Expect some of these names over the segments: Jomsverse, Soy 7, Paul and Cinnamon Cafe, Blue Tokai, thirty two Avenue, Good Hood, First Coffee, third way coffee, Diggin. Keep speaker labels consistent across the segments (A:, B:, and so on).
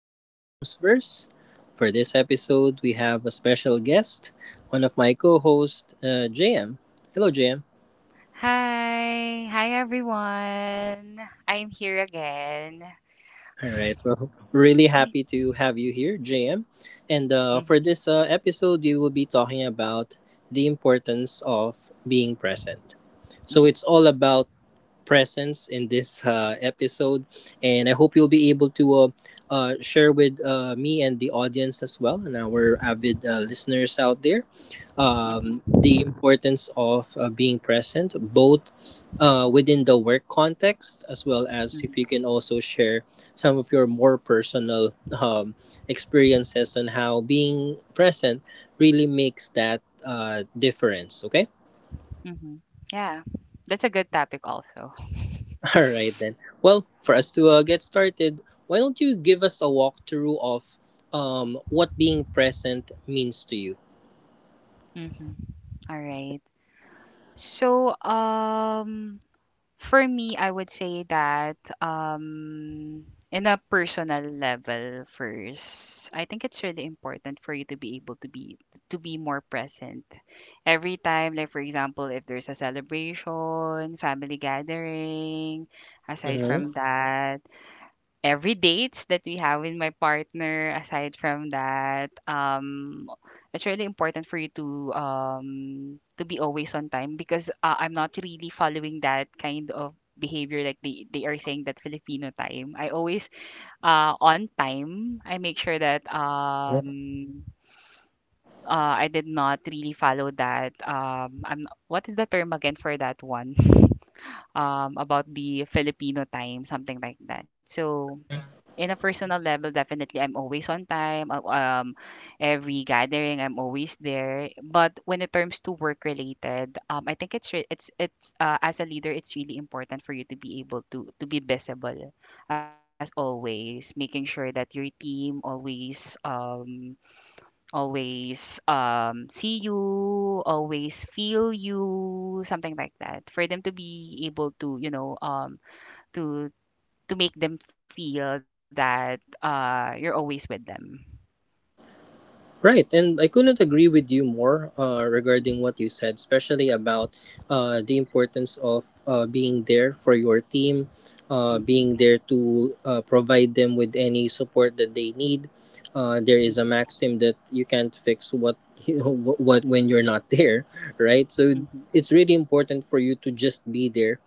A: of the Jomsverse. For this episode, we have a special guest, one of my co hosts, JM. Hello, JM.
B: Hi. Hi, everyone. I'm here again.
A: All right, well, really happy to have you here, JM. And
B: Mhm,
A: uh, for this episode, we will be talking about the importance of being present.
B: mhm,
A: So, it's all about presence in this episode. And I hope you'll be able to share with me and the audience as well, and our avid listeners out there,
B: mhm,
A: the importance of being present, both within the work context, as well as
B: mhm,
A: if you can also share some of your more personal um, experiences on how being present really makes that difference. Okay.
B: mhm. Yeah, that's a good topic also.
A: All right then. Well, for us to get started, why don't you give us a walkthrough of what being present means to you?
B: Mhm. All right. So, for me, I would say that in a personal level first, I think it's really important for you to be able to be more present every time. Like for example, if there's a celebration, family gathering, aside from that, every dates that we have with my partner aside from that it's really important for you to be always on time because I'm not really following that kind of behavior, like they are saying that Filipino time. I always on time, I make sure that
A: Mm-hmm.
B: I did not really follow that. I'm, what is the term again for that one? About the Filipino time, something like that. So in a personal level, definitely I'm always on time. Every gathering I'm always there. But when it comes to work related, I think it's as a leader, it's really important for you to be able to be visible as always, making sure that your team always always see you, always feel you, something like that, for them to be able to to make them feel that you're always with them.
A: Right, and I couldn't agree with you more regarding what you said, especially about the importance of being there for your team,
B: Mm-hmm,
A: being there to provide them with any support that they need. There is
B: mm-hmm,
A: a maxim that you can't fix what you know, what when you're not there, right? So
B: mm-hmm,
A: it's really important for you to just be there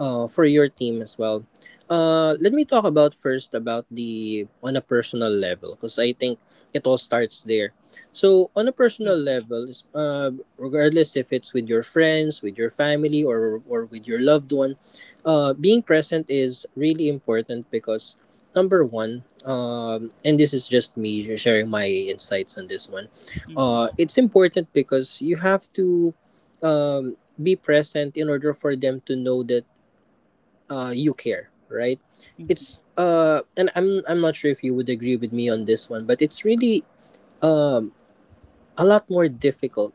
A: for your team as well. Let me talk about first about the on a personal level because I think it all starts there. So on a personal
B: mm-hmm,
A: level, regardless if it's with your friends, with your family, or with your loved one, being present is really important because, number one, and this is just me sharing my insights on this one.
B: mm-hmm,
A: It's important because you have to be present in order for them to know that you care, right?
B: mm-hmm,
A: It's and I'm not sure if you would agree with me on this one, but it's really um a lot more difficult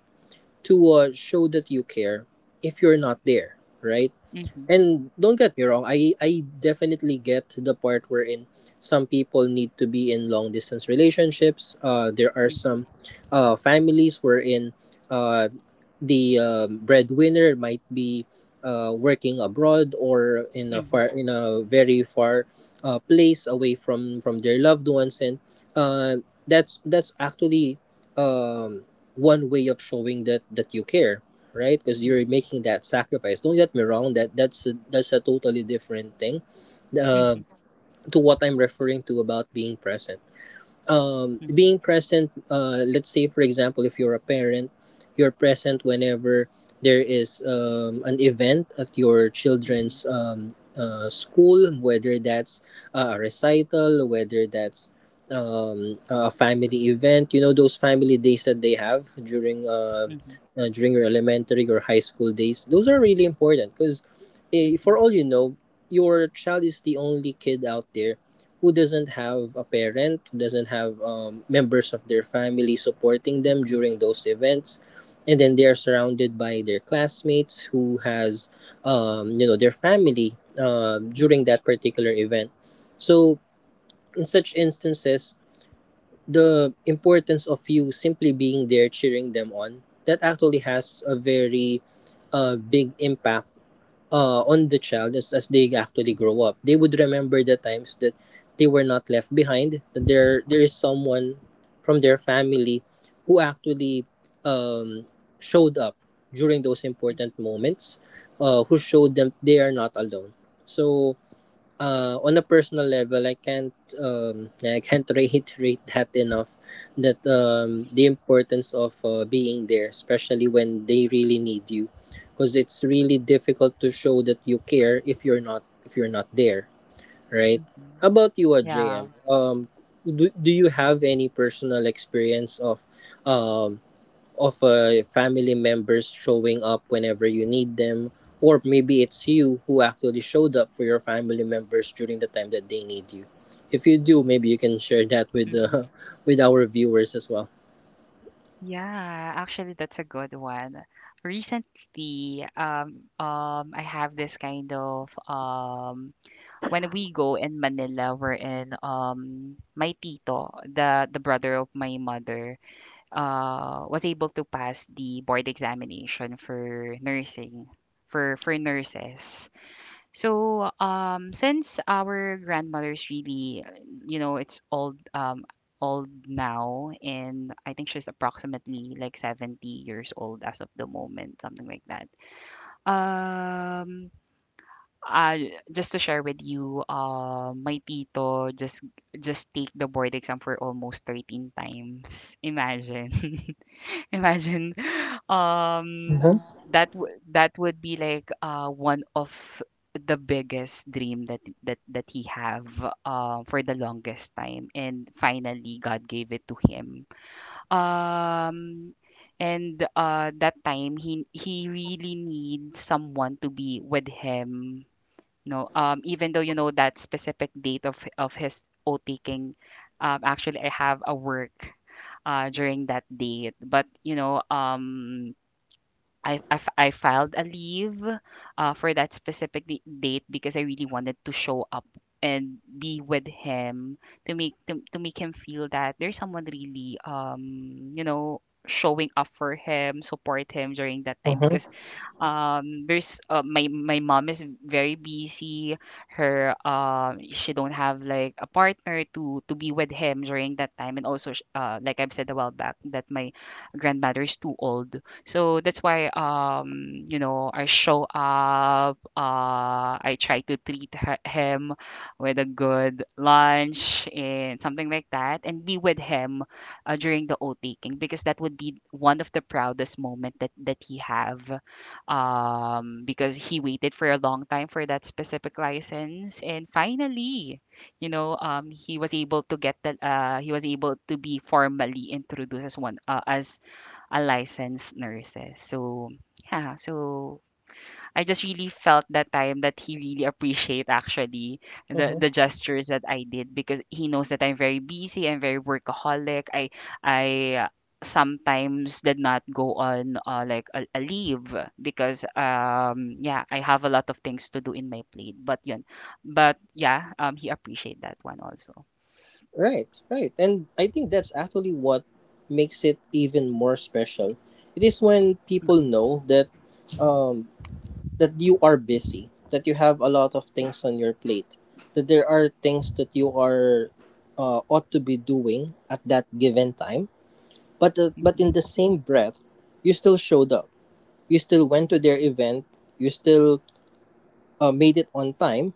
A: to show that you care if you're not there, right?
B: mm-hmm,
A: And don't get me wrong, I definitely get to the part wherein some people need to be in long distance relationships. There are
B: mm-hmm,
A: some families wherein uh, the breadwinner might be working abroad or in
B: mm-hmm,
A: a
B: mm-hmm,
A: far in a very far place away from their loved ones, and uh, that's actually um, one way of showing that you care, right? Because you're
B: mm-hmm,
A: making that sacrifice. Don't get me wrong. That's a totally different thing uh,
B: mm-hmm,
A: to what I'm referring to about being present. Um,
B: mm-hmm,
A: being present, let's say, for example, if you're a parent, you're present whenever there is an event at your children's school, whether that's a recital, whether that's a family event, you know, those family days that they have during.
B: mm-hmm,
A: During your elementary or high school days, those are really important because,
B: mm-hmm,
A: for all you know, your child is the only kid out there who doesn't have a parent, who doesn't have members of their family supporting them
B: mm-hmm,
A: during those events, and then they are surrounded by their classmates who has you know their family
B: mm-hmm.
A: during that particular event. So in such instances, the importance of you simply being there cheering them on, that actually has a very big impact on the child as they actually grow up. They would remember the times that they were not left behind, that there is someone from their family who actually um, showed up during those important moments, who showed them they are not alone. So on a personal level, I can't yeah, I can't reiterate that enough. That the importance of being there, especially when they really need you, because it's really difficult to show that you care if you're not there, right? How about you,
B: Yeah.
A: JM? Do you have any personal experience of um, family members showing up whenever you need them, or maybe it's you who actually showed up for your family members during the time that they need you? If you do, maybe you can share that with
B: Mm-hmm.
A: with our viewers as well.
B: Yeah, actually that's a good one. Recently, I have this kind of when we go in Manila, we're in my tito, the brother of my mother, was able to pass the board examination for nursing, for nurses. So since our grandmother's really, you know, it's old, old now, and I think she's approximately like 70 years old as of the moment, something like that. um uh, just to share with you, my tito just take the board exam for almost 13 times. Imagine. Imagine. Um,
A: Mm-hmm.
B: that that would be like one of the biggest dream that that he have for the longest time, and finally God gave it to him. Um, and that time, he really needs someone to be with him. No, even though you know, that specific date of his O taking, actually I have a work during that date. But you know, I filed a leave for that specific date, because I really wanted to show up and be with him, to make to make him feel that there's someone really, you know, showing up for him, support him during that time. Because
A: Mm-hmm.
B: there's my mom is very busy, her, she don't have like a partner to be with him during that time. And also like I've said a while back, that my grandmother is too old, so that's why, you know, I show up, I try to treat him with a good lunch and something like that, and be with him during the oath taking, because that would be one of the proudest moment that he have, because he waited for a long time for that specific license, and finally, you know, he was able to get that. He was able to be formally introduced as one, as a licensed nurse. So yeah, so I just really felt that time that he really appreciate actually
A: Hmm.
B: the gestures that I did, because he knows that I'm very busy, I'm very workaholic. I sometimes did not go on, like a leave, because yeah, I have a lot of things to do in my plate, but yun, but yeah, he appreciate that one also.
A: Right, right. And I think that's actually what makes it even more special. It is when people
B: Mhm,
A: know that um, that you are busy, that you have a lot of things on your plate, that there are things that you are ought to be doing at that given time. But
B: mhm,
A: in the same breath, you still showed up. You still went to their event. You still made it on time,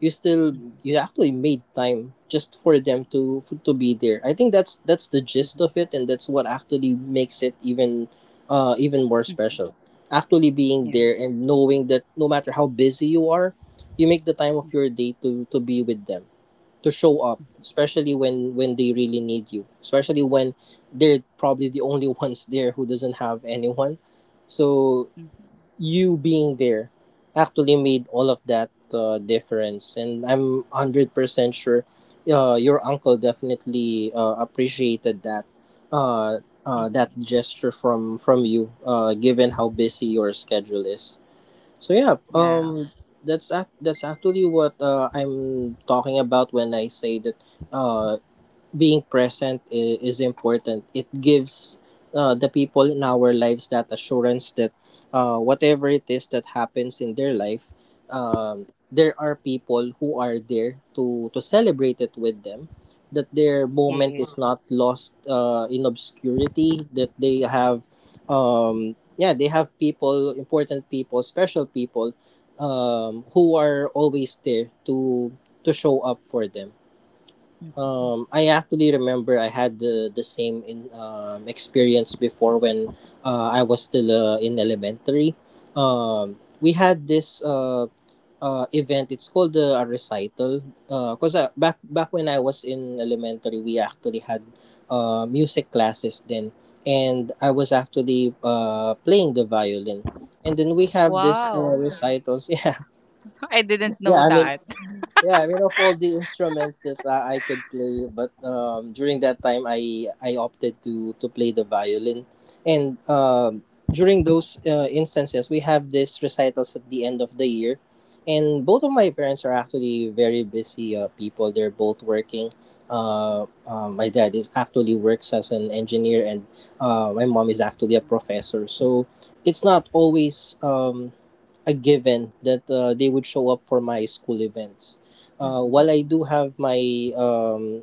A: you still
B: mhm,
A: you actually made time just for them to to be there. I think that's the gist
B: mhm,
A: of it, and that's what actually makes it even even more
B: mhm, mhm.
A: special. Actually being
B: Yeah.
A: there and knowing that no matter how busy you are, you make the time
B: Mhm,
A: of your day to be with them, to show up, especially when they really need you, especially when they're probably the only ones there who doesn't have anyone. So
B: mhm,
A: you being there actually made all of that difference, and I'm 100% sure your uncle definitely appreciated that uh,
B: mhm.
A: that gesture from you given how busy your schedule is. So yeah,
B: Yeah.
A: that's actually what I'm talking about when I say that uh, being present is important. It gives the people in our lives that assurance that whatever it is that happens in their life, there are people who are there to celebrate it with them. That their moment
B: Yes.
A: is not lost in obscurity. That they have, yeah, they have people, important people, special people, who are always there to show up for them.
B: Mhm.
A: I actually remember I had the same in experience before when I was still in elementary. We had this event. It's called a recital. Because back when I was in elementary, we actually had music classes then, and I was actually playing the violin. And then we have this
B: Wow.
A: recitals. Yeah,
B: I didn't
A: yeah.
B: know that.
A: I mean, of all the instruments that I could play, but during that time, I opted to play the violin, and during those instances, we have these recitals at the end of the year, and both of my parents are actually very busy people. They're both working. My dad is actually works as an engineer, and my mom is actually a professor. So it's not always a given that they would show up for my school events. While
B: Mm-hmm.
A: I do have my um,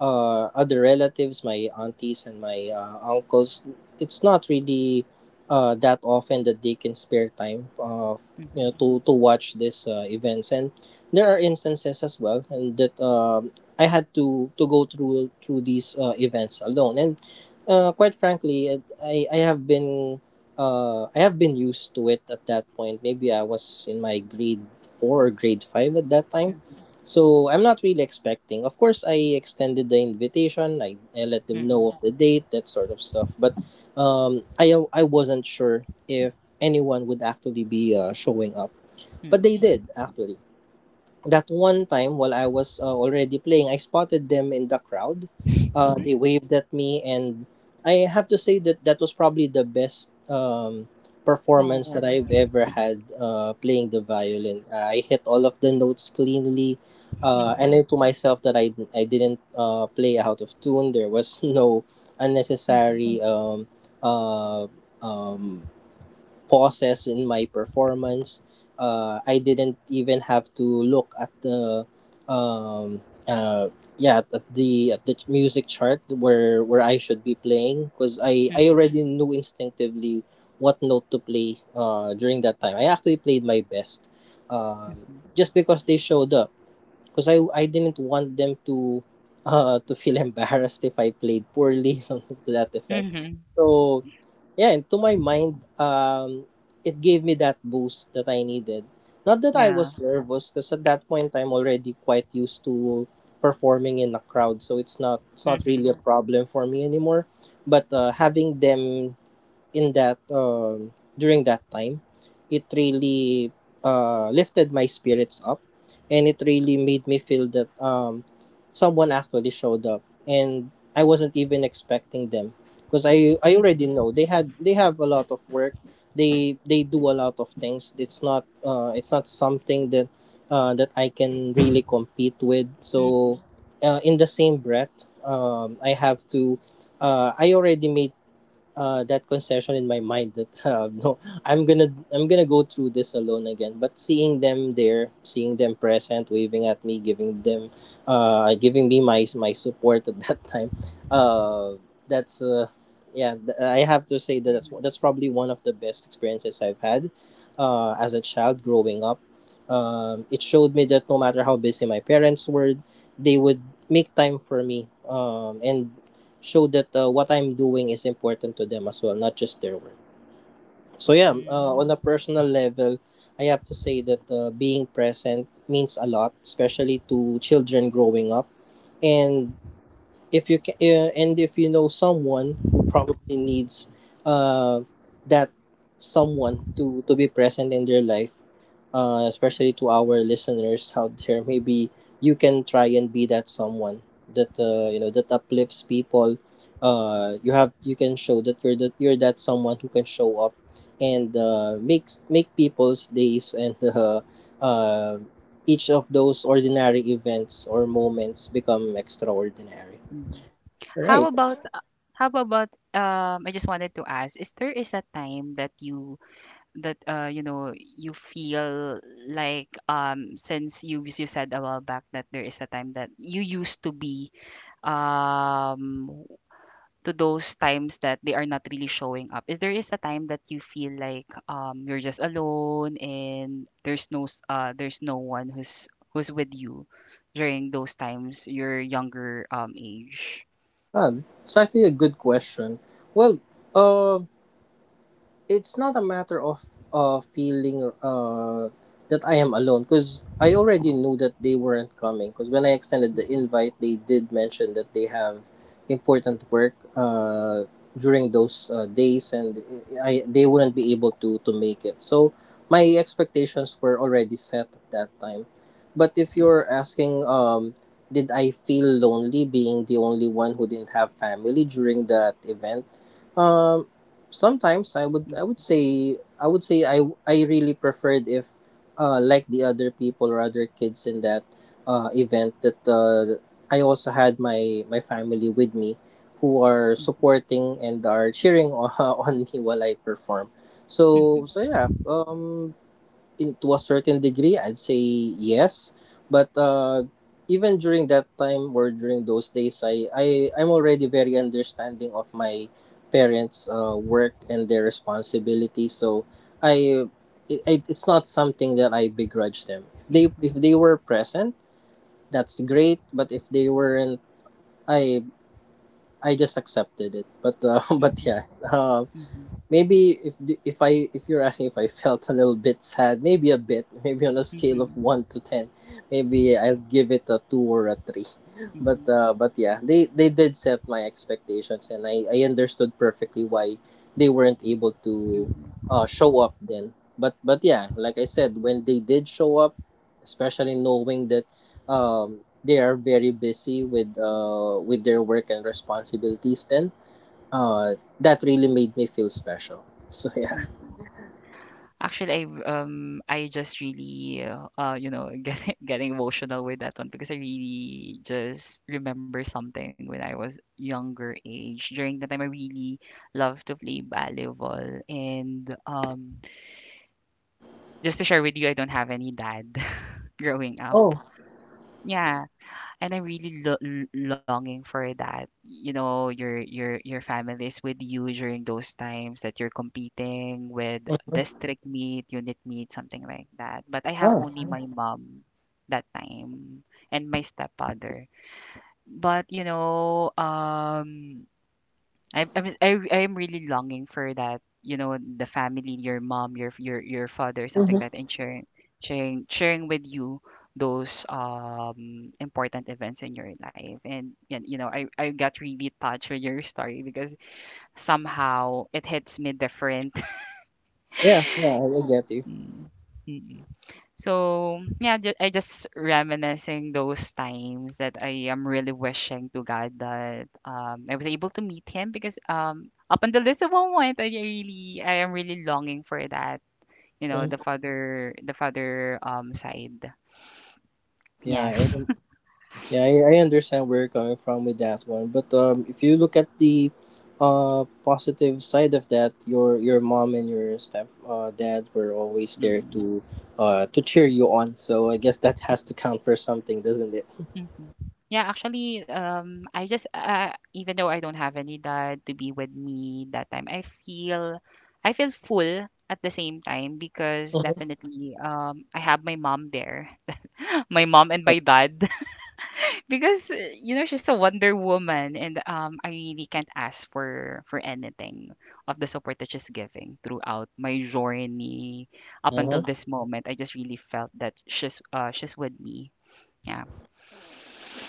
A: other relatives, my aunties and my uncles, it's not really that often that they can spare time you know,
B: Mm-hmm.
A: to watch these events. And there are instances as well and that I had to go through these events alone. And quite frankly, I have been I have been used to it at that point. Maybe I was in my grade four or grade five at that time,
B: Mm-hmm.
A: so I'm not really expecting. Of course, I extended the invitation. I let them
B: Mm-hmm.
A: know of the date, that sort of stuff. But I wasn't sure if anyone would actually be showing up. But they
B: Mm-hmm.
A: did actually. That one time while I was already playing, I spotted them in the crowd. They waved at me, and I have to say that that was probably the best performance that
B: Oh.
A: I've ever had playing the violin. I hit all of the notes cleanly.
B: Mm-hmm.
A: And I to myself that I didn't play out of tune. There was no
B: Mm-hmm.
A: unnecessary uh, um, pauses in my performance. I didn't even have to look at the um, uh, yeah at the music chart where I should be playing because I
B: Mm-hmm.
A: already knew instinctively what note to play during that time. I actually played my best um,
B: Mm-hmm.
A: just because they showed up, because I didn't want them to feel embarrassed if I played poorly, something to that effect.
B: Mm-hmm.
A: So yeah, and to my mind, it gave me that boost that I needed. Not that I
B: Yeah.
A: was nervous, because at that point I'm already quite used to performing in a crowd, so it's not really
B: Mm-hmm.
A: a problem for me anymore. But having them in that, during that time it really lifted my spirits up, and it really made me feel that someone actually showed up, and I wasn't even expecting them because I already
B: Mm-hmm.
A: know they have a lot of work. They do a lot of things. It's not it's not something that that I can really compete with.
B: Mm-hmm.
A: So in the same breath, I have to I already made that concession in my mind that no, I'm gonna go through this alone again. But seeing them there, seeing them present, waving at me, giving me my my support at that time, uh, that's yeah, I have to say that
B: Mm-hmm.
A: that's probably one of the best experiences I've had, as a child growing up. It showed me that no matter how busy my parents were, they would make time for me. And show that what I'm doing is important to them as well, not just their work. So yeah, on
B: Mm-hmm.
A: a personal level, I have to say that being present means a lot, especially to children growing up. And if you can, and if you know someone who probably needs uh, that someone to be present in their life, especially to our listeners out there, maybe you can try and be that someone that that uplifts people. You can show that you're that you're that someone who can show up and make people's days, and uh, each of those ordinary events or moments become extraordinary.
B: How about I just wanted to ask, is there is a time that you, that you know, you feel like, since you said a while back that there is a time that you used to be, um to those times that they are not really showing up, is there is a time that you feel like you're just alone, and there's no there's no one who's with you during those times, your younger age?
A: Ah, it's actually a good question. Well, uh, it's not a matter of feeling that I am alone, because I already knew that they weren't coming. Because when I extended the
B: Mhm,
A: invite, they did mention that they have important work during those days, and they wouldn't be able to make it. So my expectations were already set at that time. But if you're asking, did I feel lonely being the only one who didn't have family during that event? Um,
B: mhm,
A: sometimes I would say I really preferred if like the other people or other kids in that event that I also had my my family with me, who are
B: mhm,
A: supporting and are cheering on, me while I perform. So
B: mhm,
A: so yeah, in, to a certain degree, I'd say yes. But even during that time or during those days, I'm already very understanding of my parents' work and their responsibilities. So I it's not something that I begrudge them. If
B: mhm,
A: they were present, that's great. But if they weren't, I I just accepted it. But but
B: mhm,
A: yeah,
B: mhm,
A: Maybe if I if you're asking if I felt a little bit sad, maybe a bit, maybe on a scale of
B: mhm,
A: one to ten, maybe I'll give it a two or a three.
B: mhm, mhm.
A: But yeah, they did set my expectations, and I understood perfectly why they weren't able to
B: Mhm,
A: show up then. But yeah, like I said, when they did show up, especially knowing that they are very busy with their work and responsibilities then, that really made me feel special. So yeah,
B: mhm. Actually, I just really, you know, getting emotional with that one, because I really just remember something when I was younger age. During that time, I really loved to play volleyball, and just to share with you, I don't have any dad growing up.
A: Oh.
B: Yeah, and I'm really longing for that. You know, your family is with you during those times that you're competing with
A: Mm-hmm.
B: district meet, unit meet, something like that. But I have
A: Oh.
B: only my mom that time and my stepfather. But you know, I am really longing for that. You know, the family, your mom, your father, something like
A: Mm-hmm.
B: that, and sharing with you those important events in your life. And you know, I got really touched with your story, because somehow it hits me different.
A: Yeah. Yeah. I get you.
B: Mm, mm, so yeah, I just reminiscing those times that I am really wishing to God that I was able to meet him, because up until this moment, I really I am really longing for that. You know,
A: Mhm.
B: the father side. Yeah.
A: Yeah. Yeah. I understand where you're coming from with that one. But if you look at the positive side of that, your mom and your step dad were always there
B: Mm.
A: to cheer you on. So I guess that has to count for something, doesn't it?
B: Mhm. Yeah, actually, I just even though I don't have any dad to be with me that time, I feel full at the same time, because definitely I have my mom there, my mom and my dad because you know, she's a Wonder Woman, and I really can't ask for anything of the support that she's giving throughout my journey up
A: Mm-hmm.
B: until this moment. I just really felt that she's with me. Yeah.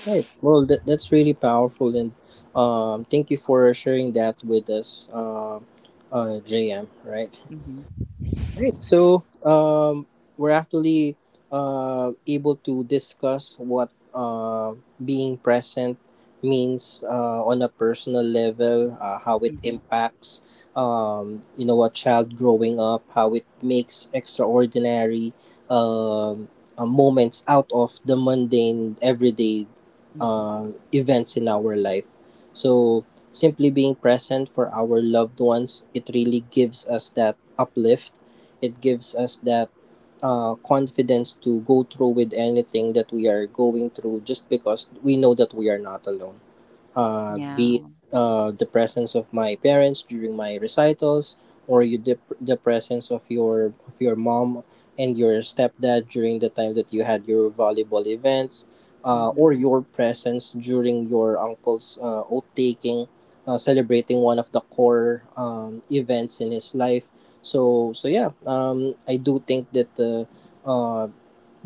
A: Right. Well, that's really powerful, and thank you for sharing that with us, JM. Right.
B: Mhm.
A: Right. So we're actually able to discuss what uh, being present means on a personal level, how
B: Mhm.
A: it impacts, you know, a child growing up, how it makes extraordinary um moments out of the mundane everyday
B: Mhm.
A: events in our life. So simply being present for our loved ones, it really gives us that uplift. It gives us that confidence to go through with anything that we are going through, just because we know that we are not alone.
B: Yeah.
A: Be it the presence of my parents during my recitals, or you the presence of your mom and your stepdad during the time that you had your volleyball events,
B: Mhm.
A: or your presence during your uncle's oath taking, celebrating one of the core events in his life. So so yeah, I do think that the uh,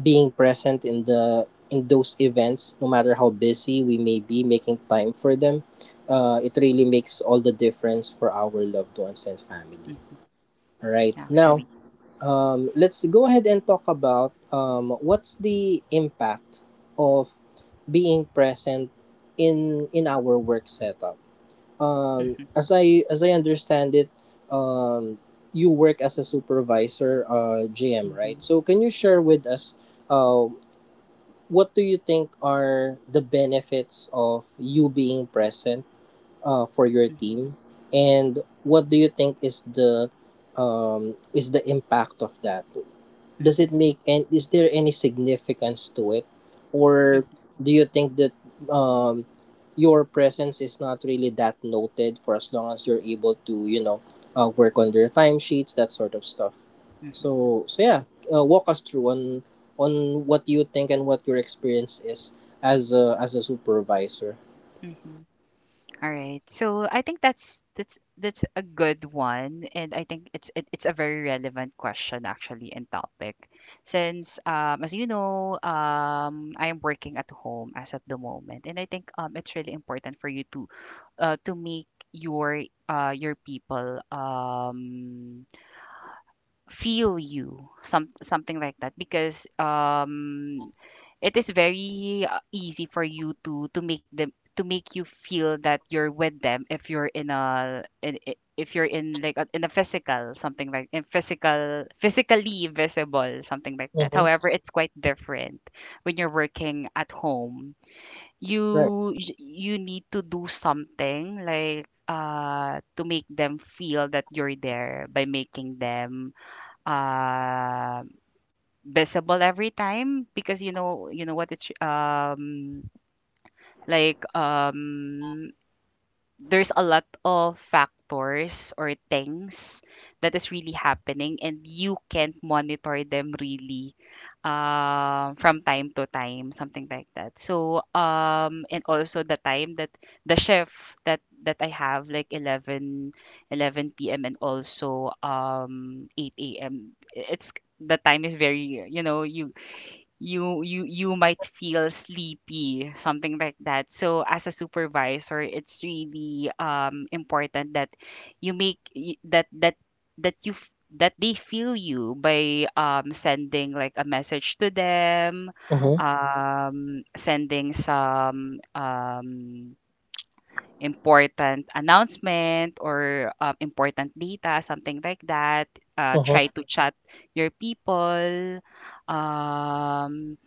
A: being present in the in those events, no matter how busy we may be, making time for them, it really makes all the difference for our loved ones and family.
B: Mhm.
A: All right,
B: Actually.
A: now let's go ahead and talk about what's the impact of being present in our work setup.
B: Mhm.
A: As I understand it, um, you work as a supervisor, GM,
B: Mhm.
A: right? So can you share with us uh, what do you think are the benefits of you being present for your
B: Mhm.
A: team, and what do you think is the impact of that? Does
B: Mhm.
A: it make, and is there any significance to it, or
B: Mhm.
A: do you think that um, your presence is not really that noted for as long as you're able to, you know, work on their timesheets, that sort of stuff?
B: Mhm.
A: So so yeah, walk us through on what you think and what your experience is as a supervisor.
B: Mhm. All right. So I think that's a good one, and I think it's it's a very relevant question actually and topic, since as you know, I am working at home as of the moment, and I think it's really important for you to make your people feel you, some something like that. Because it is very easy for you to make them to make you feel that you're with them if you're in a, in, if you're in like a, in a physical, something like in physical, physically visible, something like that.
A: Mm-hmm.
B: However it's quite different when you're working at home.
A: Right.
B: You need to do something like to make them feel that you're there by making them uh, visible every time, because you know, what it's like, there's a lot of factors or things that is really happening, and you can't monitor them really from time to time, something like that. So and also the time, that the shift that I have, like 11 p.m and also 8 a.m, it's, the time is very, you know, you might feel sleepy, something like that. So as a supervisor, it's really important that you make y- that that that that they feel you by sending like a message to them,
A: Mm-hmm.
B: sending some important announcement, or important data, something like that. Try to chat your people, um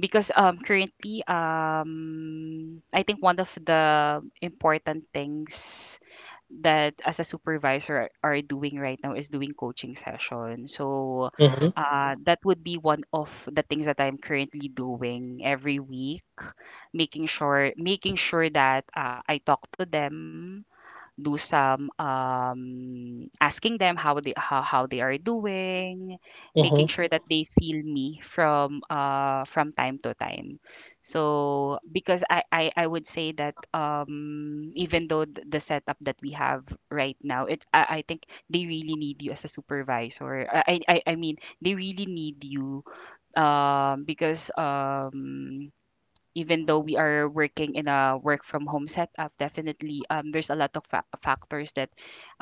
B: because, currently, I think one of the important things that as a supervisor are doing right now is doing coaching session. So,
A: Mm-hmm.
B: that would be one of the things that I'm currently doing every week, making sure that I talk to them, do some asking them how they, how they are doing, making sure
A: Mm-hmm.
B: that they feel me from time to time. So because I would say that even though the setup that we have right now, it I, think they really need you as a supervisor. I mean they really need you, because even though we are working in a work from home setup, definitely there's a lot of factors that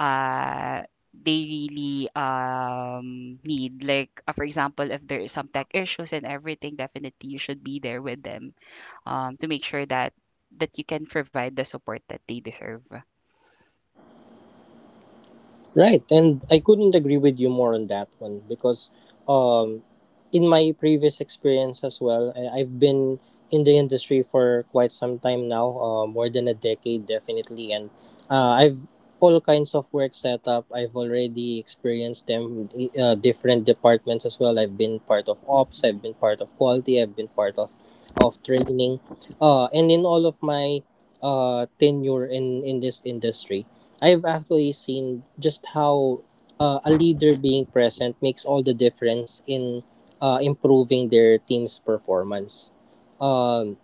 B: uh, they really need. Like, for example, if there is some tech issues and everything, definitely you should be there with them to make sure that you can provide the support that they deserve.
A: Right, and I couldn't agree with you more on that one, because um, in my previous experience as well, I've been in the industry for quite some time now, more than a decade definitely, and I've all kinds of work set up. I've already experienced them with different departments as well. I've been part of
B: Mm-hmm.
A: ops, I've been part of quality, I've been part of training, and in all of my tenure in this industry, I've actually seen just how a leader being present makes all the difference in improving their team's performance. Um,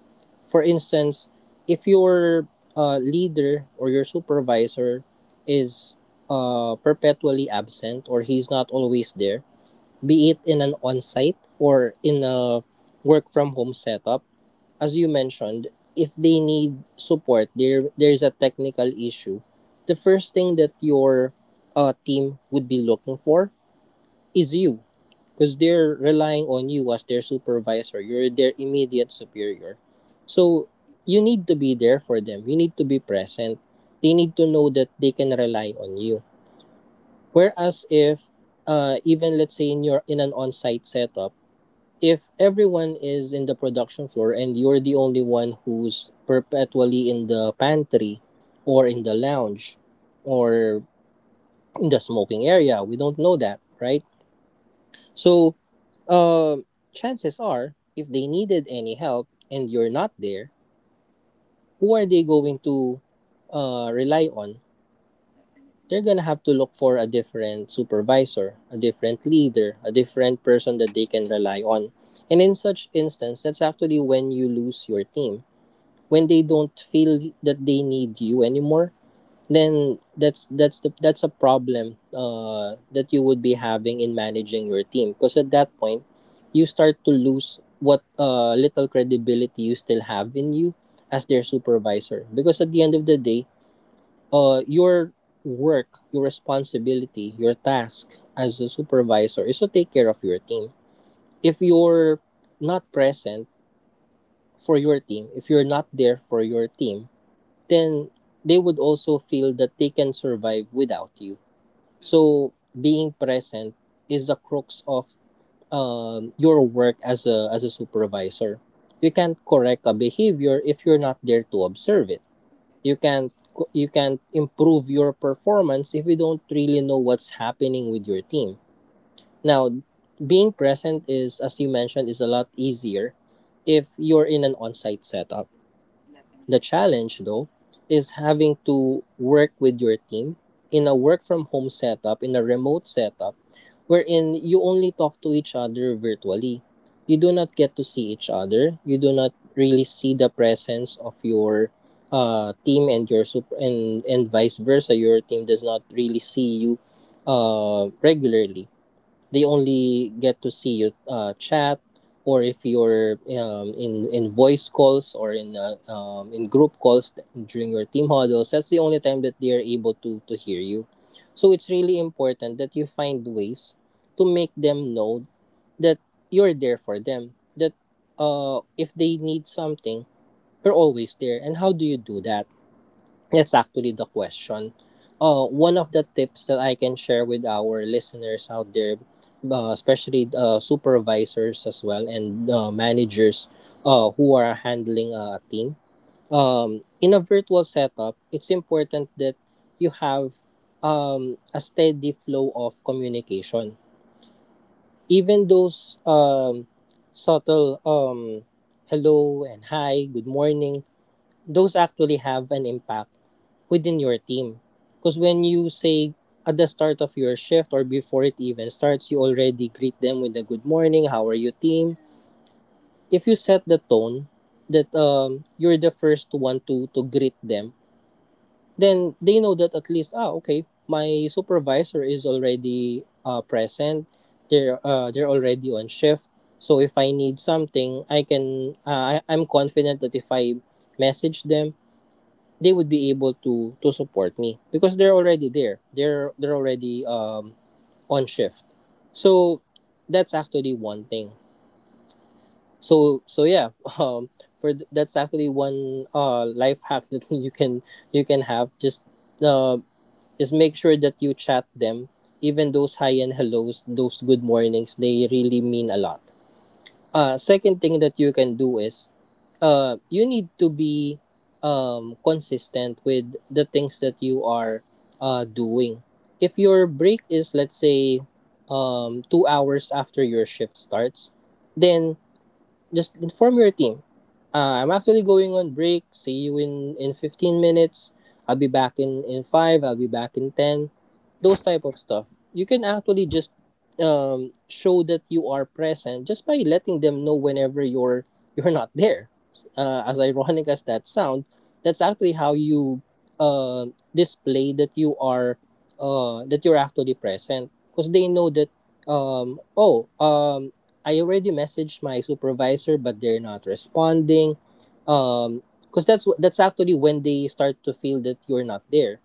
A: for instance, if your leader or your supervisor is perpetually absent or he's not always there, be it in an on site or in a work from home setup, as you mentioned, if they need support, there's a technical issue. The first thing that your team would be looking for is you, because they're relying on you as their supervisor. You're their immediate superior, so you need to be there for them. You need to be present. They need to know that they can rely on you. Whereas if even let's say in your in an on-site setup, if everyone is in the production floor and you're the only one who's perpetually in the pantry, or in the lounge, or in the smoking area, we don't know that, right? So, uh, chances are, if they needed any help and you're not there, who are they going to rely on? They're gonna have to look for a different supervisor, a different leader, a different person that they can rely on. And in such instance, that's actually when you lose your team, when they don't feel that they need you anymore. Then that's the that's a problem that you would be having in managing your team, because at that point you start to lose what little credibility you still have in you as their supervisor, because at the end of the day, your work, your responsibility, your task as a supervisor is to take care of your team. If you're not present for your team, if you're not there for your team, then they would also feel that they can survive without you. So being present is the crux of your work as a supervisor. You can't correct a behavior if you're not there to observe it. You can't improve your performance if you don't really know what's happening with your team. Now, being present, is as you mentioned, is a lot easier if you're in an on-site setup. The challenge, though, is having to work with your team in a work from home setup, in a remote setup, wherein you only talk to each other virtually. You do not get to see each other. You do not really see the presence of your team and your and vice versa. Your team does not really see you regularly. They only get to see you chat, or if you're in voice calls or in group calls during your team huddles. That's the only time that they are able to hear you. So it's really important that you find ways to make them know that you're there for them, that if they need something, you're always there. And how do you do that? That's actually the question. One of the tips that I can share with our listeners out there, especially supervisors as well and managers who are handling a team in a virtual setup, it's important that you have a steady flow of communication. Even those subtle hello and hi, good morning, those actually have an impact within your team. Because when you say at the start of your shift, or before it even starts, you already greet them with a good morning, how are you, team? If you set the tone that you're the first one to greet them, then they know that, at least, ah, okay, my supervisor is already present. They're already on shift. So if I need something, I can, I'm confident that if I message them, they would be able to support me because they're already there. They're already on shift. So that's actually one thing. So that's actually one life hack that you can have. Uh just make sure that you chat them. Even those hi and hellos, those good mornings, they really mean a lot. Second thing that you can do is you need to be consistent with the things that you are doing. If your break is, let's say, 2 hours after your shift starts, then just inform your team. I'm actually going on break. See you in 15 minutes. I'll be back in 5. I'll be back in 10. Those type of stuff. You can actually just show that you are present just by letting them know whenever you're you're not there. As ironic as that sounds, that's actually how you uh, display that you are that you're actually present because they know that um, oh um, I already messaged my supervisor, but they're not responding. Um, that's actually when they start to feel that you're not there.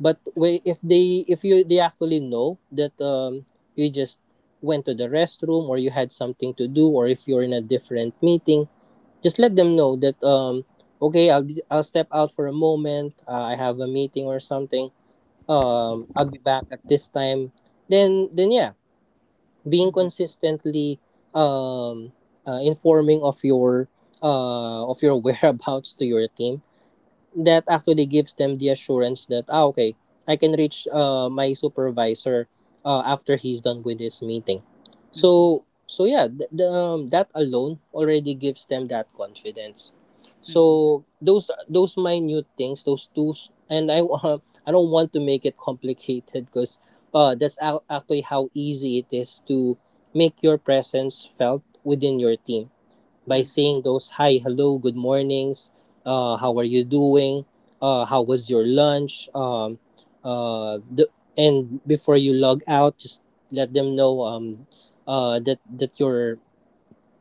A: But wh- if they if you they actually know that you just went to the restroom, or you had something to do, or if you're in a different meeting, just let them know that okay, I'll step out for a moment. I have a meeting or something. I'll be back at this time. Then then yeah, being
B: Mm-hmm.
A: consistently um, informing of your whereabouts to your team, that actually gives them the assurance that, ah, okay, I can reach my supervisor after he's done with this meeting.
B: Mm-hmm.
A: So that alone already gives them that confidence.
B: Mm-hmm.
A: So those minute things, those tools. And I I don't want to make it complicated because actually how easy it is to make your presence felt within your team, by
B: Mm-hmm.
A: saying those hi, hello, good mornings, how are you doing, how was your lunch, uh, the, and before you log out, just let them know that you're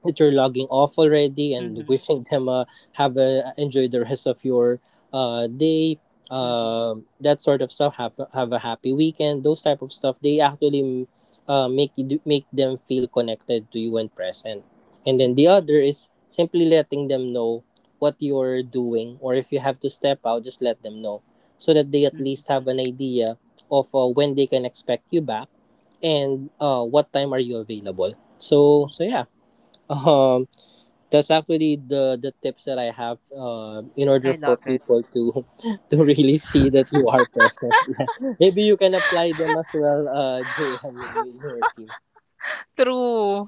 A: logging off already, and
B: Mm-hmm.
A: wishing them enjoy the rest of your day.
B: Mm-hmm.
A: That sort of stuff. Have a happy weekend, those type of stuff, they actually make them feel connected to you and present. And then the other is simply letting them know what you're doing, or if you have to step out, just let them know so that they at
B: Mm-hmm.
A: least have an idea of when they can expect you back, and what time are you available. So um, that's actually the tips that I have. In order
B: I
A: for
B: love it.
A: people to to really see that you are present. Yeah. Maybe you can apply them as well, JM, in your team.
B: True.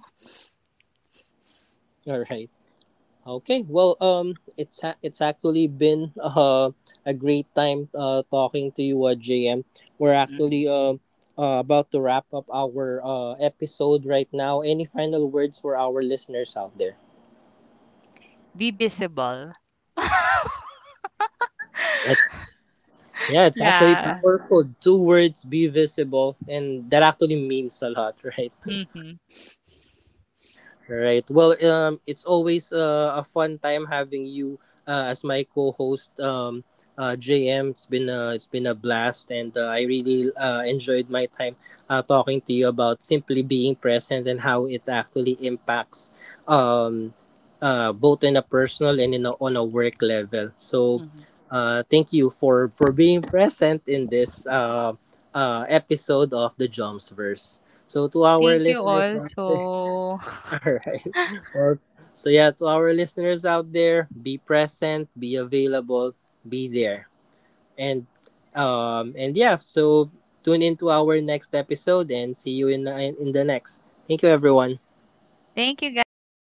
A: All right. Okay. Well, it's actually been a great time talking to you, JM. We're
B: Hmm.
A: actually about to wrap up our episode right now. Any final words for our listeners out there?
B: Be visible.
A: Yeah, exactly.
B: Yeah.
A: Powerful. Two words, be visible, and that actually means a lot, right?
B: Mhm.
A: Right. Well, it's always a fun time having you as my co-host, JM. It's been a blast, and I really enjoyed my time talking to you about simply being present and how it actually impacts, um, both in a personal and on a work level. So,
B: Mhm.
A: thank you for being present in this episode of the Jumps Verse. So, to our
B: Thank you
A: listeners
B: all.
A: out there,
B: So.
A: all right. Well, to our listeners out there, be present, be available, be there, and and yeah. So tune into our next episode and see you in the next. Thank you, everyone.
B: Thank you guys.